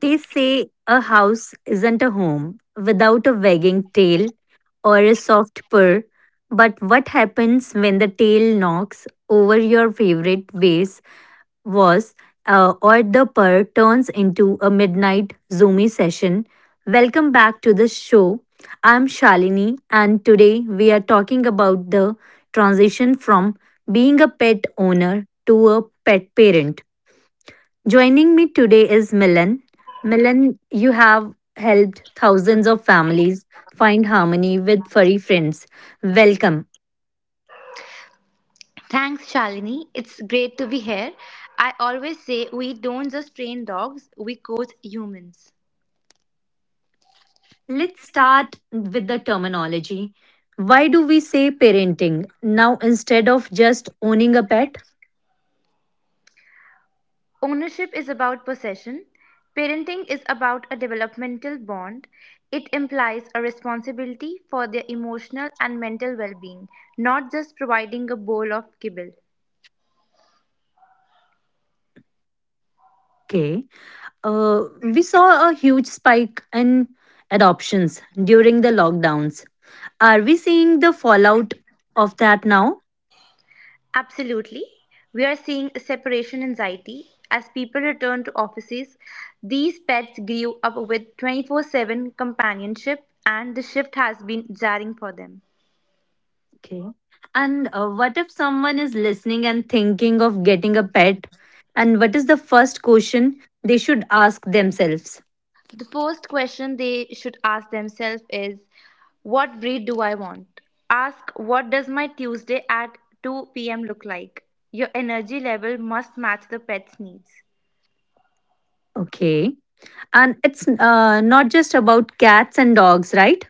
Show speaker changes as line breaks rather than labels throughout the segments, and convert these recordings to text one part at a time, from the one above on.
They say a house isn't a home without a wagging tail or a soft purr. But what happens when the tail knocks over your favorite vase was or the purr turns into a midnight zoomy session? Welcome back to the show. I'm Shalini, and today we are talking about the transition from being a pet owner to a pet parent. Joining me today is Milan. Milan, you have helped thousands of families find harmony with furry friends. Welcome.
Thanks, Shalini. It's great to be here. I always say we don't just train dogs, we coach humans.
Let's start with the terminology. Why do we say parenting now instead of just owning a pet?
Ownership is about possession. Parenting is about a developmental bond. It implies a responsibility for their emotional and mental well being, not just providing a bowl of kibble.
Okay. We saw a huge spike in adoptions during the lockdowns. Are we seeing the fallout of that now?
Absolutely. We are seeing a separation anxiety. As people return to offices, these pets grew up with 24/7 companionship, and the shift has been jarring for them.
Okay. And what if someone is listening and thinking of getting a pet? And what is the first question they should ask themselves?
So, the first question they should ask themselves is, what breed do I want? Ask, what does my Tuesday at 2 p.m. look like? Your energy level must match the pet's needs.
Okay. And it's not just about cats and dogs, right?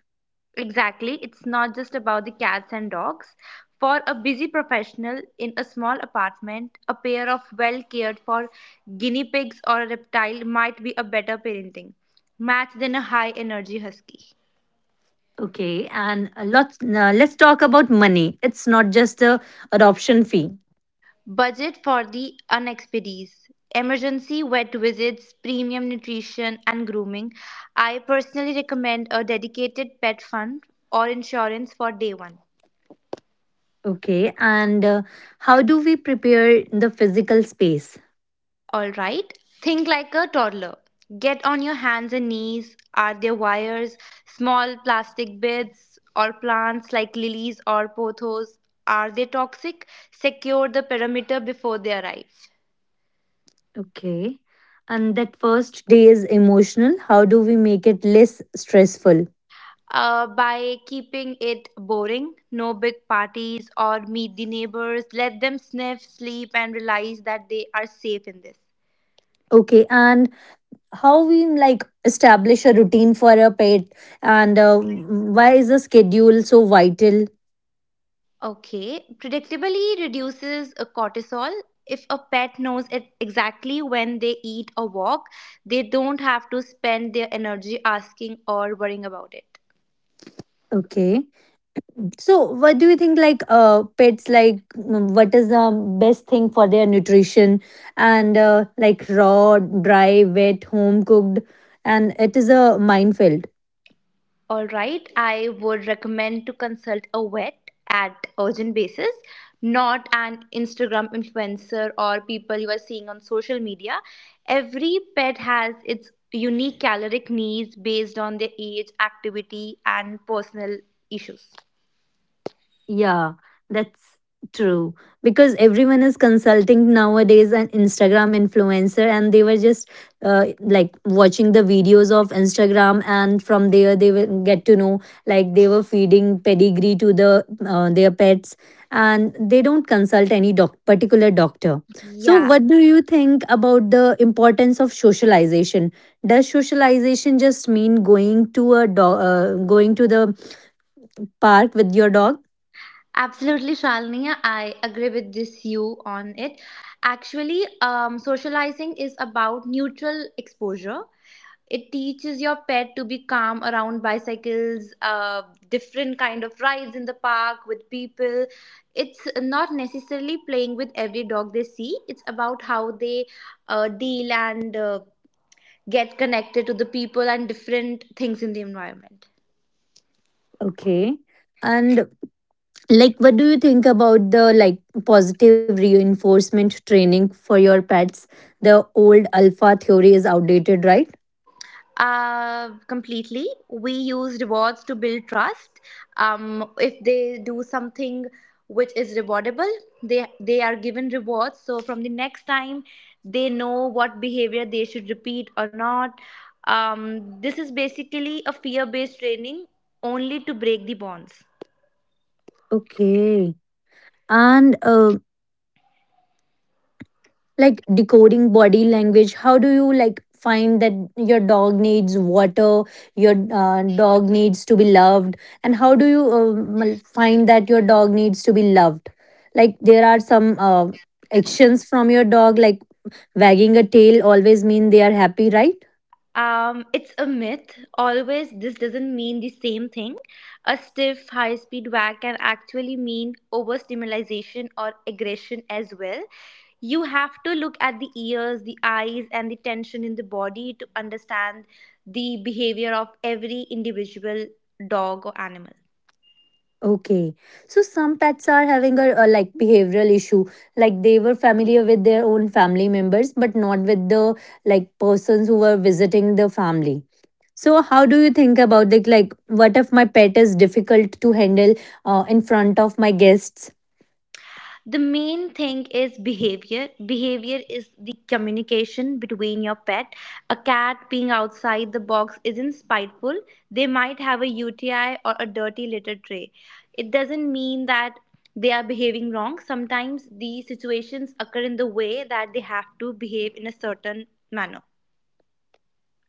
Exactly, it's not just about the cats and dogs. For a busy professional in a small apartment, a pair of well cared for guinea pigs or a reptile might be a better parenting match than a high energy husky.
Okay. And let's talk about money. It's not just the adoption fee.
Budget for the unexpedies. Emergency vet visits, premium nutrition, and grooming. I personally recommend a dedicated pet fund or insurance for day one.
Okay. And how do we prepare the physical space?
All right. Think like a toddler. Get on your hands and knees. Are there wires, small plastic bits, or plants like lilies or pothos? Are they toxic? Secure the perimeter before they arrive.
Okay. And that first day is emotional. How do we make it less stressful?
By keeping it boring, no big parties or meet the neighbors, let them sniff, sleep, and realize that they are safe in this.
Okay, and how we like establish a routine for a pet, and why is the schedule so vital?
Okay, predictably reduces cortisol. If a pet knows it exactly when they eat or walk, they don't have to spend their energy asking or worrying about it.
Okay, so what do you think? Like, pets, like, what is the best thing for their nutrition? And like raw, dry, wet, home cooked, and it is a minefield.
All right, I would recommend to consult a vet at urgent basis, not an Instagram influencer or people you are seeing on social media. Every pet has its unique caloric needs based on their age, activity, and personal issues.
Yeah, that's true. Because everyone is consulting nowadays an Instagram influencer, and they were just like watching the videos of Instagram, and from there they will get to know like they were feeding pedigree to their pets, and they don't consult any particular doctor. So,
Yeah,
what do you think about the importance of socialization? Does socialization just mean going to the park with your dog?
absolutely, Shalini. I agree with this you on it. Actually, socializing is about neutral exposure. It teaches your pet to be calm around bicycles, different kind of rides in the park with people. It's not necessarily playing with every dog they see. It's about how they deal and get connected to the people and different things in the environment.
Okay. And like, what do you think about the like positive reinforcement training for your pets? The old alpha theory is outdated, right?
Completely. We use rewards to build trust. If they do something which is rewardable, they are given rewards. So from the next time, they know what behavior they should repeat or not. This is basically a fear-based training only to break the bonds.
Okay. And like decoding body language, how do you like find that your dog needs water, your dog needs to be loved, and how do you find that your dog needs to be loved? Like, there are some actions from your dog, like wagging a tail always mean they are happy, right?
It's a myth. Always, this doesn't mean the same thing. A stiff, high speed whack can actually mean overstimulation or aggression as well. You have to look at the ears, the eyes and the tension in the body to understand the behavior of every individual dog or animal.
Okay. So some pets are having a like behavioral issue. Like they were familiar with their own family members, but not with the like persons who were visiting the family. So how do you think about the like what if my pet is difficult to handle in front of my guests?
The main thing is behavior. Is the communication between your pet. A cat being outside the box isn't spiteful. They might have a uti or a dirty litter tray. It doesn't mean that they are behaving wrong. Sometimes these situations occur in the way that they have to behave in a certain manner.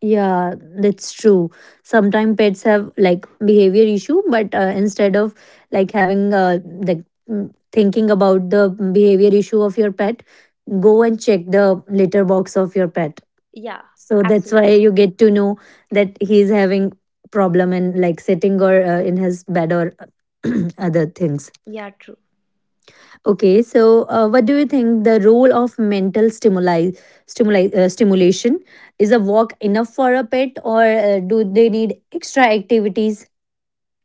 Yeah, that's true. Sometimes pets have like behavior issue, but instead of like having like thinking about the behavior issue of your pet, go and check the litter box of your pet.
Yeah,
So that's
absolutely.
why you get to know that he's having problem in like sitting or in his bed or other things.
Yeah, true.
Okay, so what do you think the role of mental stimuli, stimuli stimulation is a walk enough for a pet, or do they need extra activities?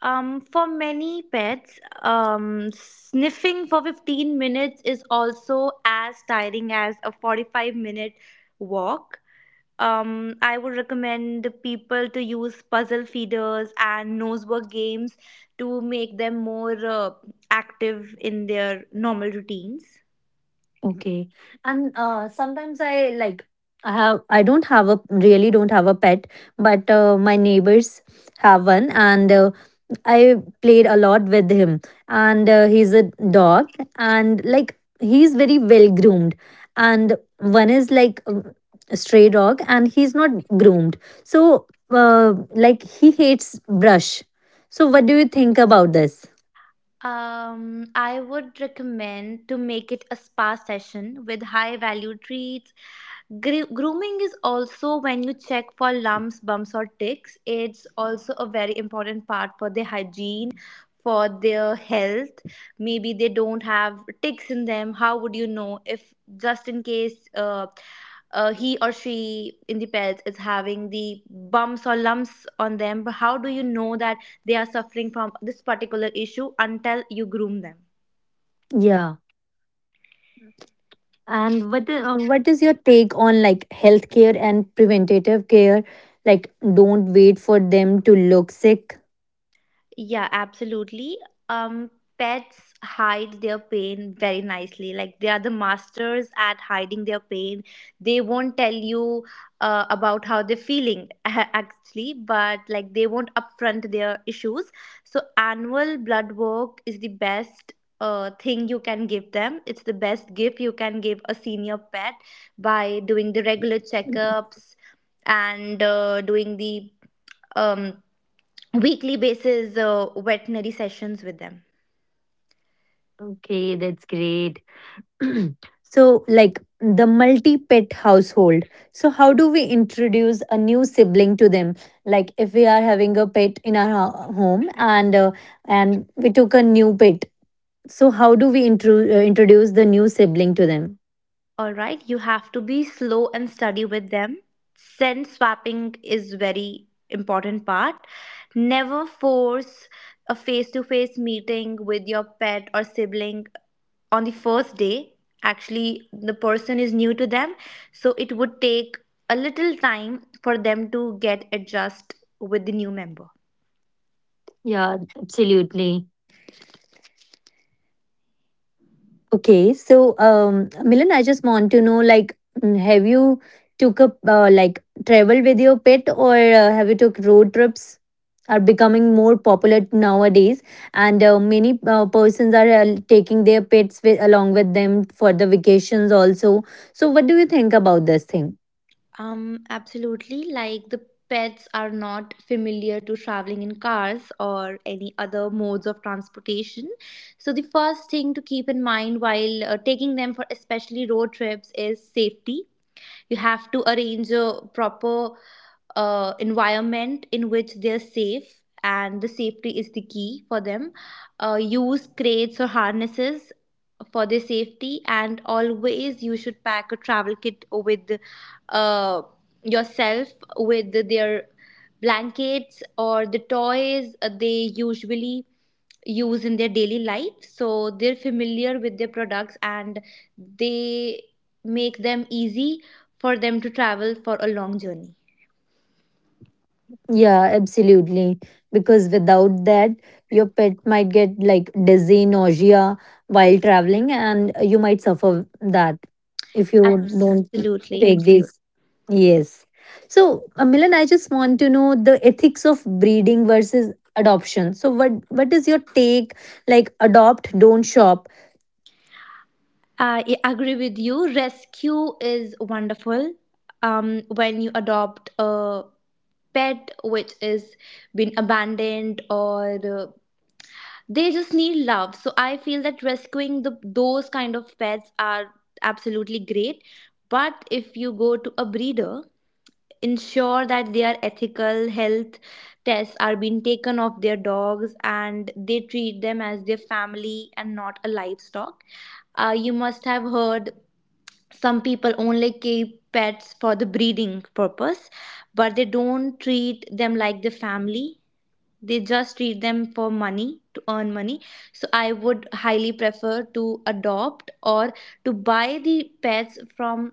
For many pets, sniffing for 15 minutes is also as tiring as a 45-minute walk. I would recommend the people to use puzzle feeders and nose work games to make them more active in their normal routines.
Okay, and sometimes I like I have I don't have a really don't have a pet, but my neighbors have one, and I played a lot with him, and he's a dog, and like he's very well groomed. And one is like a stray dog, and he's not groomed. So, like he hates brush. So, what do you think about this?
I would recommend to make it a spa session with high value treats. Grooming is also when you check for lumps, bumps, or ticks. It's also a very important part for their hygiene, for their health. Maybe they don't have ticks in them. How would you know if just in case he or she in the pets is having the bumps or lumps on them? But how do you know that? They are suffering from this particular issue until you groom them.
Yeah, and what is your take on like healthcare and preventative care? Like, don't wait for them to look sick.
Yeah, absolutely. Um, pets hide their pain very nicely. Like they are the masters at hiding their pain. They won't tell you about how they're feeling actually, but like they won't upfront their issues. So annual blood work is the best thing you can give them. It's the best gift you can give a senior pet by doing the regular checkups and doing the um weekly basis veterinary sessions with them.
Okay, that's great. So, like, the multi pet household. So how do we introduce a new sibling to them? Like, if we are having a pet in our home, and uh, and we took a new pet, so how do we introduce the new sibling to them?
All right, you have to be slow and steady with them. Scent swapping is very important part. Never force a face to face meeting with your pet or sibling on the first day. Actually the person is new to them, so it would take a little time for them to get adjust with the new member.
Yeah, absolutely. Okay, so Milan, I just want to know, like, have you took up like travel with your pet, or have you took road trips? Are becoming more popular nowadays, and many persons are taking their pets along with them for the vacations also. So, what do you think about this thing?
Absolutely. Like the pets are not familiar to traveling in cars or any other modes of transportation. So the first thing to keep in mind while taking them for especially road trips is safety. You have to arrange a proper environment in which they're safe, and the safety is the key for them. Use crates or harnesses for their safety, and always you should pack a travel kit with uh, yourself with their blankets or the toys they usually use in their daily life, so they're familiar with their products and they make them easy for them to travel for a long journey.
Yeah, absolutely. Because without that, your pet might get like dizzy, nausea while traveling, and you might suffer that if you don't
Absolutely,
take
absolutely.
these. Yes. So, Milan, I just want to know the ethics of breeding versus adoption. So, what is your take? Like, adopt, don't shop.
I agree with you. Rescue is wonderful. When you adopt a pet which is been abandoned or they just need love. So I feel that rescuing the those kind of pets are absolutely great. But if you go to a breeder, ensure that their ethical health tests are being taken of their dogs and they treat them as their family and not a livestock. You must have heard some people only keep pets for the breeding purpose, but they don't treat them like the family. They just treat them for money, to earn money. So I would highly prefer to adopt or to buy the pets from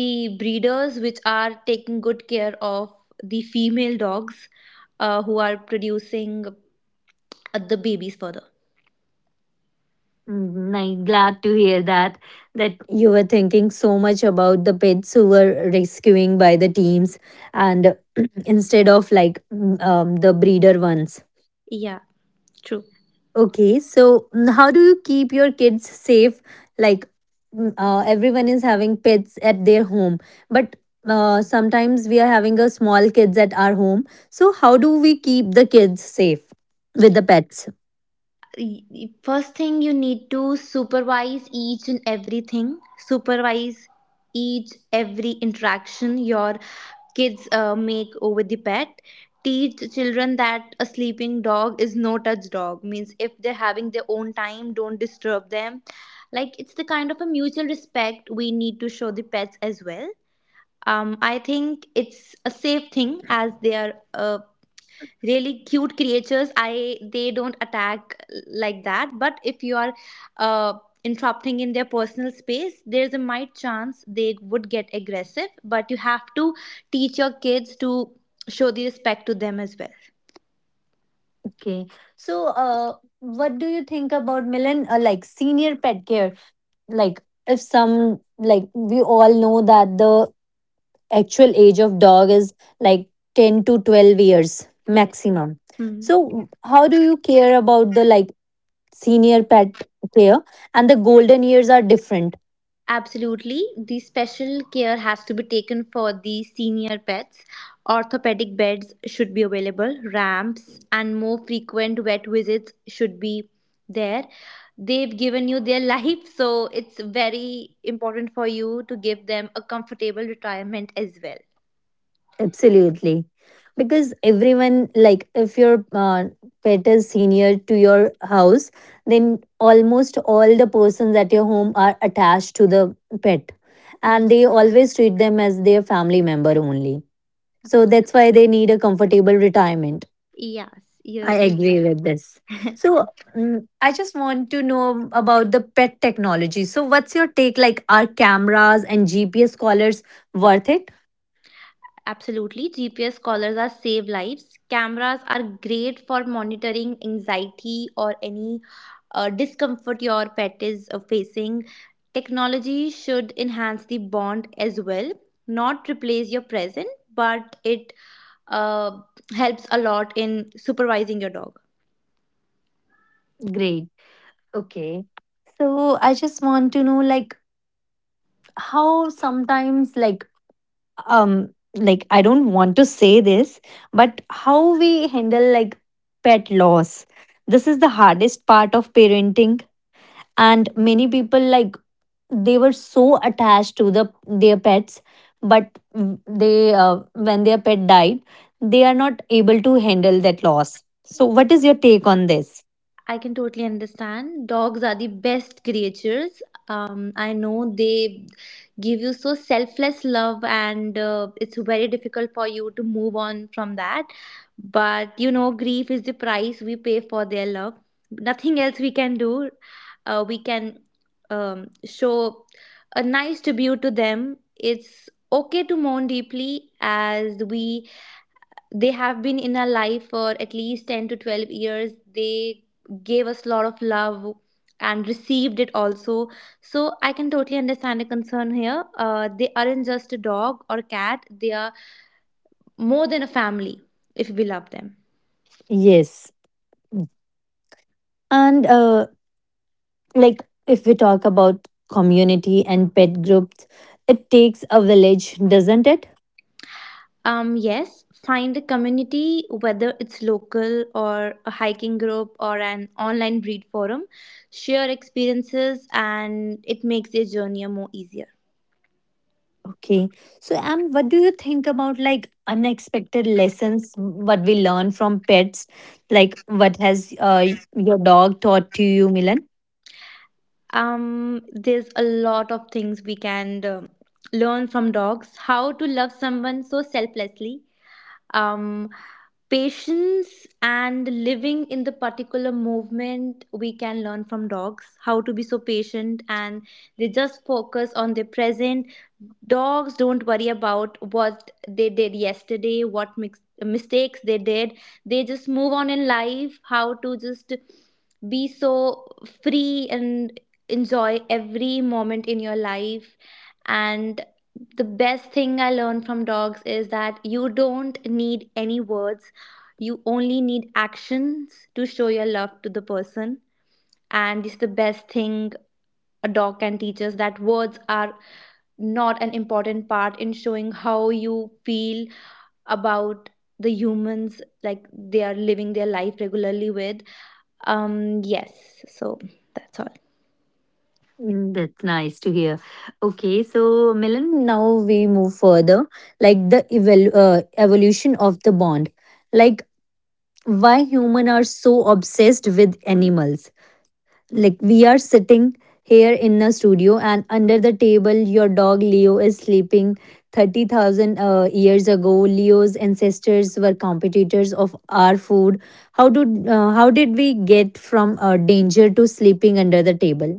the breeders which are taking good care of the female dogs, who are producing the babies further.
I'm glad to hear that you were thinking so much about the pets who were rescuing by the teams and instead of like the breeder ones.
Yeah, true.
Okay, so how do you keep your kids safe? Like everyone is having pets at their home, but sometimes we are having a small kids at our home. So how do we keep the kids safe with the pets?
Y- first thing you need to supervise each and everything. Supervise each every interaction your kids make over the pet. Teach children that a sleeping dog is no touch dog, means if they're having their own time, don't disturb them. Like it's the kind of a mutual respect we need to show the pets as well. I think it's a safe thing, as they are really cute creatures. I They don't attack like that, but if you are uh, interrupting in their personal space, there's a might chance they would get aggressive, but you have to teach your kids to show the respect to them as well.
Okay. So, what do you think about Milan? Like senior pet care. Like, if some, like, we all know that the actual age of dog is like 10 to 12 years
Yeah.
maximum.
Hmm.
So, how do you care about the like senior pet care? And the golden years are different.
Absolutely. The special care has to be taken for the senior pets. Orthopedic beds should be available, ramps, and more frequent vet visits should be there. They've given you their life, so it's very important for you to give them a comfortable retirement as well.
Absolutely. Because everyone, like, if your pet is senior to your house, then almost all the persons at your home are attached to the pet.
Hmm,
And they always treat them as their family member only. So
absolutely.
that's why they need a comfortable retirement.
Yes, you're,
I
you're right.
agree with this. So I just want to know about the pet technology. So, what's your take? Like, are cameras and GPS collars worth it?
Absolutely, GPS collars are save lives. Cameras are great for monitoring anxiety or any discomfort your pet is facing. Technology should enhance the bond as well, not replace your present, but it uh, helps a lot in supervising your dog.
Great. Okay. So I just want to know like how sometimes like I don't want to say this, but how we handle like pet loss. This is the hardest part of parenting, and many people like they were so attached to their pets, but w- they when their pet died, they are not able to handle that loss. So what is your take on this?
I can totally understand. Dogs are the best creatures. I know they give you so selfless love, and it's very difficult for you to move on from that. But you know, grief is the price we pay for their love. Nothing else we can do. We can show a nice tribute to them. It's okay to mourn deeply, as we they have been in our life for at least 10 to 12 years. They gave us a lot of love and received it also. So I can totally understand the concern here. They aren't just a dog or cat, they are more than a family if we love them.
Yes. And like if we talk about community and pet groups, it takes a village, doesn't it?
Yes, find a community, whether it's local or a hiking group or an online breed forum. Share experiences and it makes their journey more easier.
Okay, so am what do you think about like unexpected lessons what we learn from pets, like what has your dog taught to you, Milan?
There's a lot of things we can learn from dogs. How to love someone so selflessly. um Patience and living in the particular movement, we can learn from dogs how to be so patient, and they just focus on the present. Dogs don't worry about what they did yesterday, what mistakes they did. They just move on in life. How to just be so free and enjoy every moment in your life. And the best thing I learned from dogs is that you don't need any words, you only need actions to show your love to the person. And it's the best thing a dog can teach us, that words are not an important part in showing how you feel about the humans like they are living their life regularly with. Yes, so that's all.
Mm, That's nice to hear. Okay, so Milan, now we move further, like the evolution of the bond, like why human are so obsessed with animals. Like we are sitting here in a studio, and under the table your dog Leo is sleeping. 30,000 years ago, Leo's ancestors were competitors of our food. How did how did we get from danger to sleeping under the table?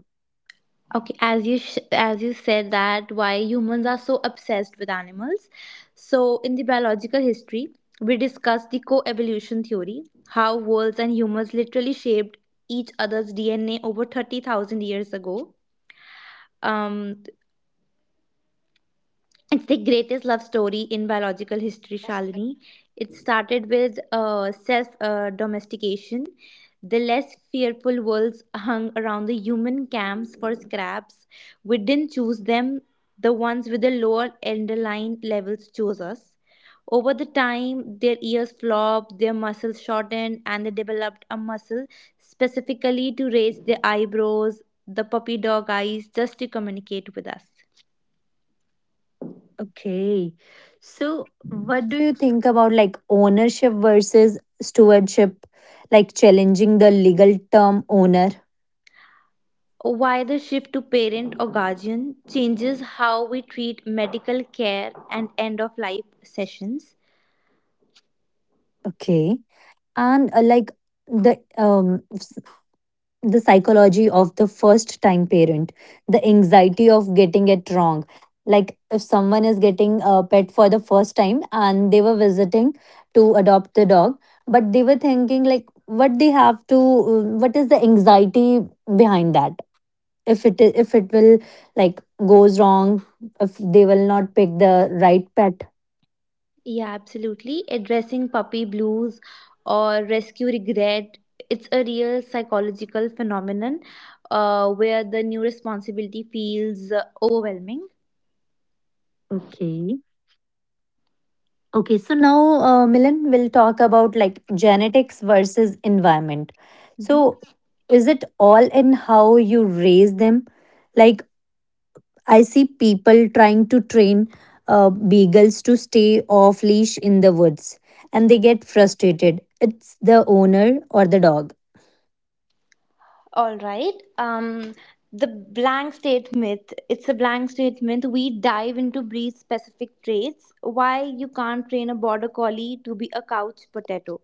Okay, as as you said, that why humans are so obsessed with animals. So in the biological history, we discussed the co-evolution theory, how wolves and humans literally shaped each other's DNA over 30,000 years ago. Um it's the greatest love story in biological history, Shalini. It started with self domestication. The less fearful wolves hung around the human camps for scraps. We didn't choose them, the ones with the lower underlying levels chose us. Over the time, their ears flopped, their muscles shortened, and they developed a muscle specifically to raise their eyebrows, the puppy dog eyes, just to communicate with us.
Okay, so what do you think about like ownership versus stewardship, like challenging the legal term owner?
Why the shift to parent or guardian changes how we treat medical care and end of life sessions.
Okay, and like the um the psychology of the first time parent, the anxiety of getting it wrong, like if someone is getting a pet for the first time and they were visiting to adopt the dog, but they were thinking like what is the anxiety behind that, if it will like goes wrong, if they will not pick the right pet.
Yeah, absolutely. Addressing puppy blues or rescue regret, it's a real psychological phenomenon where the new responsibility feels overwhelming.
Okay. Okay, so now, Milan, we'll talk about like genetics versus environment.
Mhm.
So, is it all in how you raise them? Like, I see people trying to train beagles to stay off leash in the woods and they get frustrated. It's the owner or the dog.
All right. The blank state myth. It's a blank state myth. We dive into breed specific traits. Why you can't train a border collie to be a couch potato.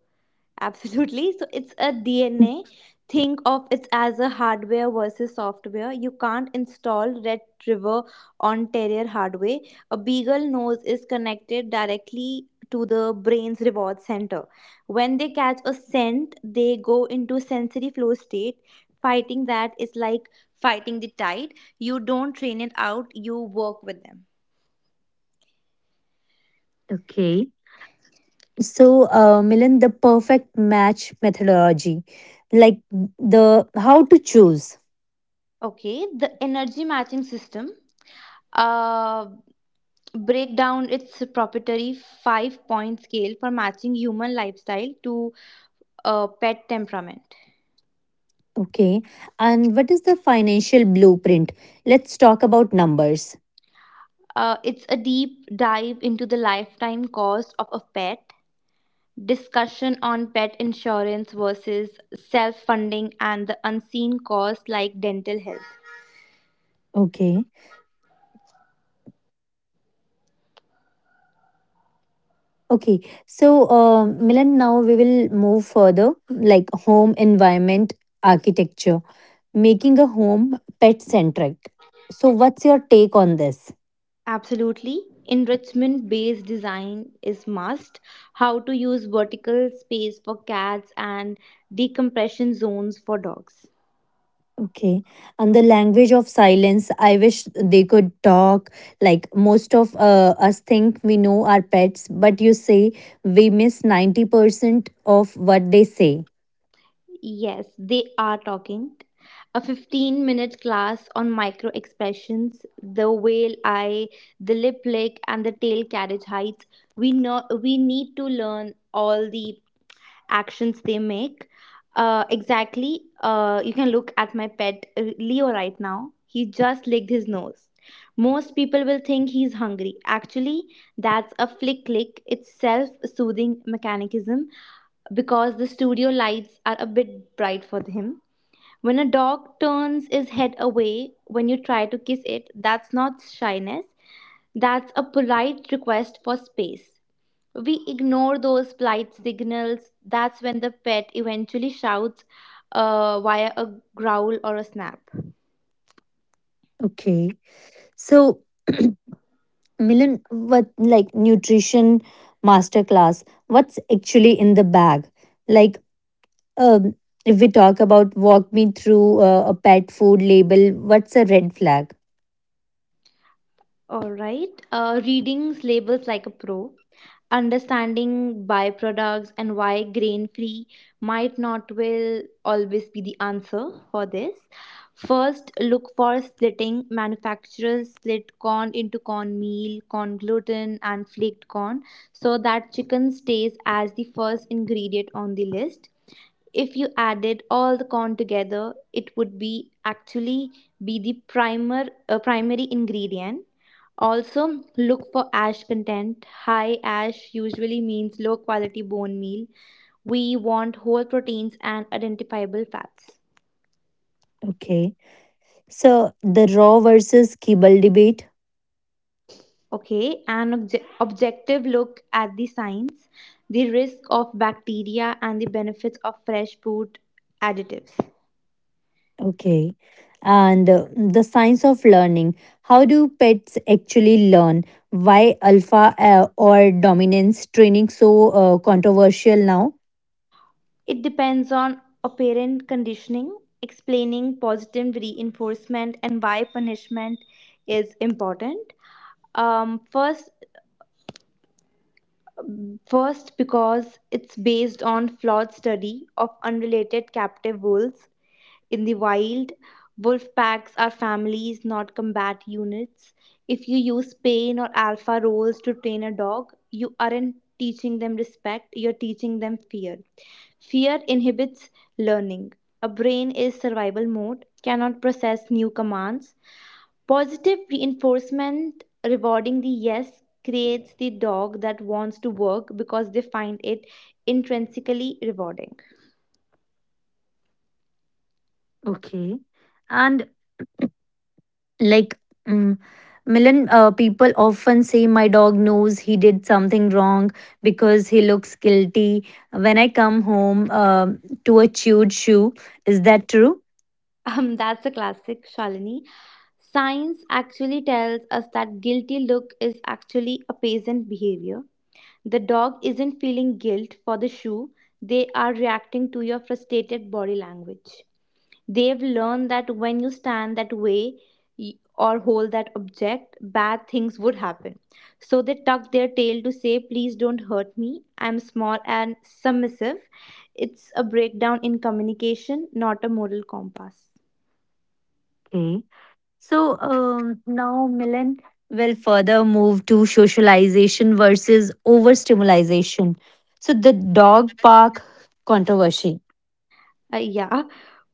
Absolutely. So it's a DNA. Think of it as a hardware versus software. You can't install Red River on Terrier hardware. A beagle nose is connected directly to the brain's reward center. When they catch a scent, they go into sensory flow state. Fighting that is like fighting the tide. You don't train it out, you work with them.
Okay. So, Milan, the perfect match methodology, like the how to choose.
Okay, the energy matching system. Uh, Break down its proprietary 5 point scale for matching human lifestyle to pet temperament.
Okay. And what is the financial blueprint? Let's talk about numbers.
It's a deep dive into the lifetime cost of a pet, discussion on pet insurance versus self funding, and the unseen costs like dental health.
Okay. Okay. So, Milan, now we will move further like home environment architecture, making a home pet centric. So, what's your take on this?
Absolutely. Enrichment based design is must. How to use vertical space for cats and decompression zones for dogs.
Okay. And the language of silence, I wish they could talk. Like most of us think we know our pets, but you say we miss 90% of what they say.
Yes, they are talking. A 15-minute class on micro expressions, the whale eye, the lip lick, and the tail carriage heights. We know we need to learn all the actions they make. Exactly. You can look at my pet Leo right now. He just licked his nose. Most people will think he's hungry. Actually, that's a flick lick. It's self soothing mechanism because the studio lights are a bit bright for him. When a dog turns his head away when you try to kiss it, that's not shyness. That's a polite request for space. We ignore those plight signals. That's when the pet eventually shouts via a growl or a snap.
Okay. So, Milan, what like nutrition masterclass, what's actually in the bag? Like, um, if we talk about walk me through a pet food label, what's a red flag?
All right. Readings labels like a pro, understanding byproducts, and why grain free might not will always be the answer for this. First, look for splitting. Manufacturers split corn into corn meal, corn gluten, and flaked corn so that chicken stays as the first ingredient on the list. If you added all the corn together, it would be actually be the primer primary ingredient. Also look for ash content. High ash usually means low quality bone meal. We want whole proteins and identifiable fats.
Okay. So, the raw versus kibble debate.
Okay, an objective look at the science, the risk of bacteria and the benefits of fresh food additives.
Okay. And the science of learning. How do pets actually learn? Why alpha or dominance training so controversial now?
It depends on operant conditioning, explaining positive reinforcement and why punishment is important. Um, first, First because it's based on flawed study of unrelated captive wolves. In the wild, wolf packs are families, not combat units. If you use pain or alpha roles to train a dog, you aren't teaching them respect, you're teaching them fear. Fear inhibits learning. A brain is survival mode, cannot process new commands. Positive reinforcement rewarding the yes creates the dog that wants to work because they find it intrinsically rewarding.
Okay. And like mm, Milan, people often say my dog knows he did something wrong because he looks guilty when I come home to a chewed shoe. Is that true?
That's a classic, Shalini. Science actually tells us that guilty look is actually a peasant behavior. The dog isn't feeling guilt for the shoe, they are reacting to your frustrated body language. They've learned that when you stand that way or hold that object, bad things would happen. So they tuck their tail to say, "Please don't hurt me. I'm small and submissive." It's a breakdown in communication, not a moral compass.
Okay. So now Milan will further move to socialization versus overstimulation. So the dog park controversy.
Yeah,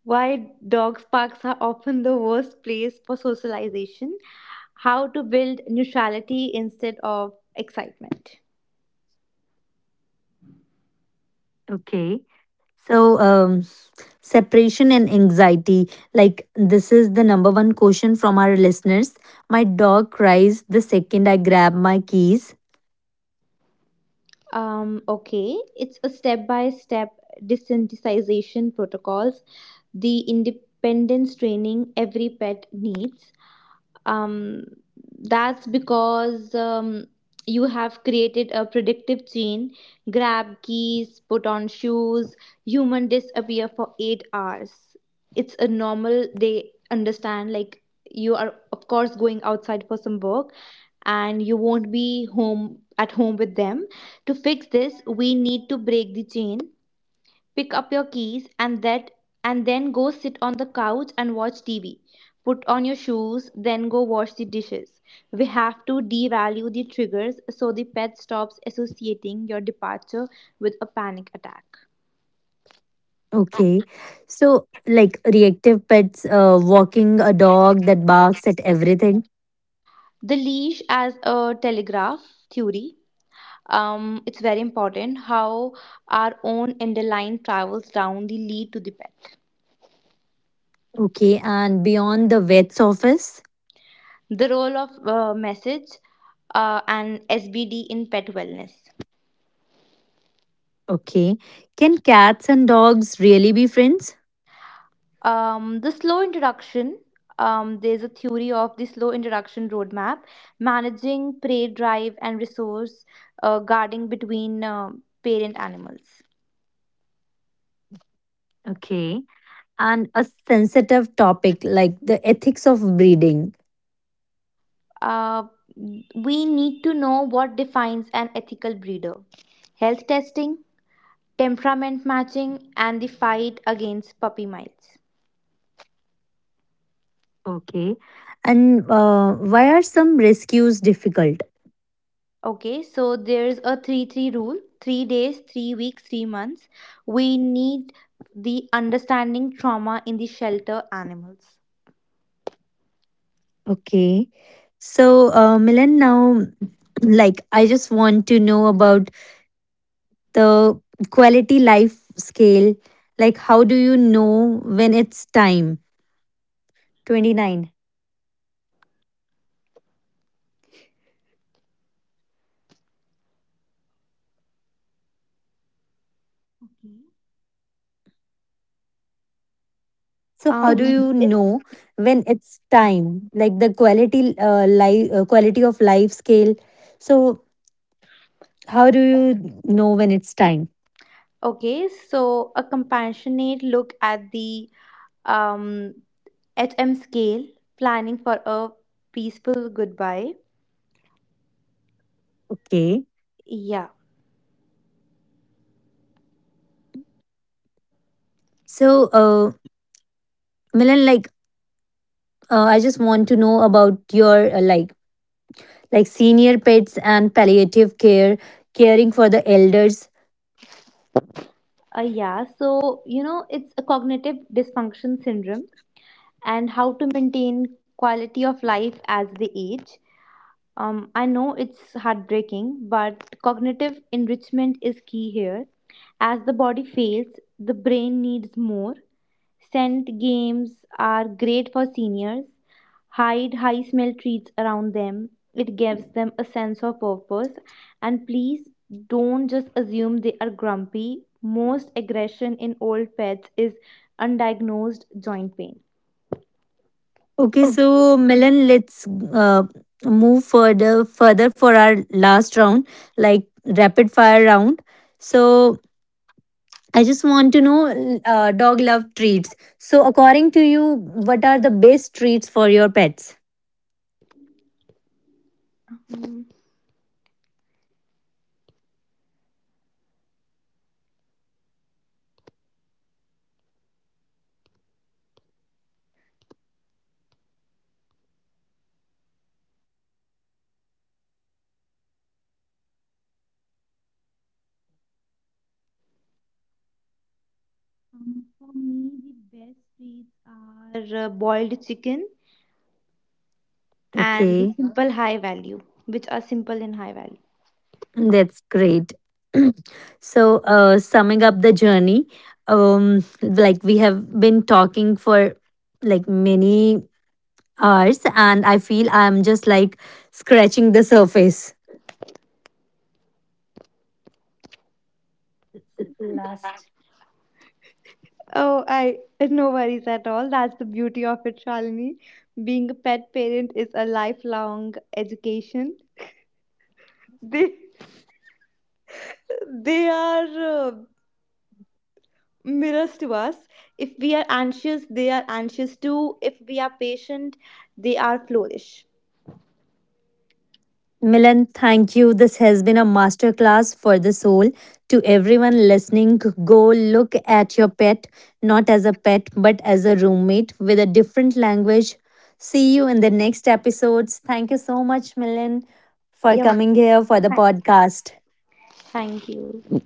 why dog parks are often the worst place for socialization. How to build neutrality instead of excitement.
Okay. So separation and anxiety. Like, this is the number one question from our listeners. My dog cries the second I grab my keys.
Okay, it's a step by step desensitization protocols, the independence training every pet needs. um, that's because you have created a predictive chain: grab keys, put on shoes, human disappear for 8 hours. It's a normal. They understand like you are of course going outside for some work and you won't be home at home with them. To fix this, we need to break the chain. Pick up your keys and that, and then go sit on the couch and watch TV. Put on your shoes, then go wash the dishes. We have to devalue the triggers so the pet stops associating your departure with a panic attack.
Okay. So, like, reactive pets, walking a dog that barks at everything.
The leash as a telegraph theory. It's very important how our own underline travels down the lead to the pet.
Okay. And beyond the vet's office.
The role of message and SBD in pet wellness.
Okay. Can cats and dogs really be friends?
The slow introduction. There's a theory of the slow introduction roadmap, managing prey drive and resource guarding between parent animals.
Okay. And a sensitive topic like the ethics of breeding.
Uh, we need to know what defines an ethical breeder. Health testing, temperament matching, and the fight against puppy miles.
Okay. And why are some rescues difficult?
Okay, so there's a 3 3 rule: 3 days, 3 weeks, 3 months. We need the understanding trauma in the shelter animals.
Okay, so Milan, now like I just want to know about the quality life scale, like how do you know when it's time? 29. So how do
Okay.
you
it's
know when it's time, like the quality of life scale? So how do you know when it's time?
Okay, so a compassionate look at the um, HM scale, planning for a peaceful goodbye.
Okay,
Yeah,
so uh Milan, like I just want to know about your like senior pets and palliative care, caring for the elders.
yeah, so you know, it's a cognitive dysfunction syndrome and how to maintain quality of life as they age. I know it's heartbreaking, but cognitive enrichment is key here. As the body fails, the brain needs more. Scent games are great for seniors. Hide high smell treats around them. It gives them a sense of purpose. And please don't just assume they are grumpy. Most aggression in old pets is undiagnosed joint pain.
Okay, so Milan, let's uh, move further for our last round, like rapid fire round. So I just want to know, dog love treats. So according to you, what are the best treats for your pets?
Mm, for me, the best treats are boiled chicken and okay,
Okay,
simple high value, which are simple in high value.
that's great. So summing up the journey, like we have been talking for like many hours, and I feel I'm just like scratching the surface. Last.
Oh, I no worries at all. That's the beauty of it, Shalini. Being a pet parent is a lifelong education. They they are uh, mirrors to us. If we are anxious, they are anxious too. If we are patient, they are flourish.
Milan, thank you. This has been a masterclass for the soul. To everyone listening, go look at your pet, not as a pet, but as a roommate with a different language. See you in the next episodes. Thank you so much, Milan, for
Yeah, ma'am.
coming here for the
thank
podcast.
Thank you.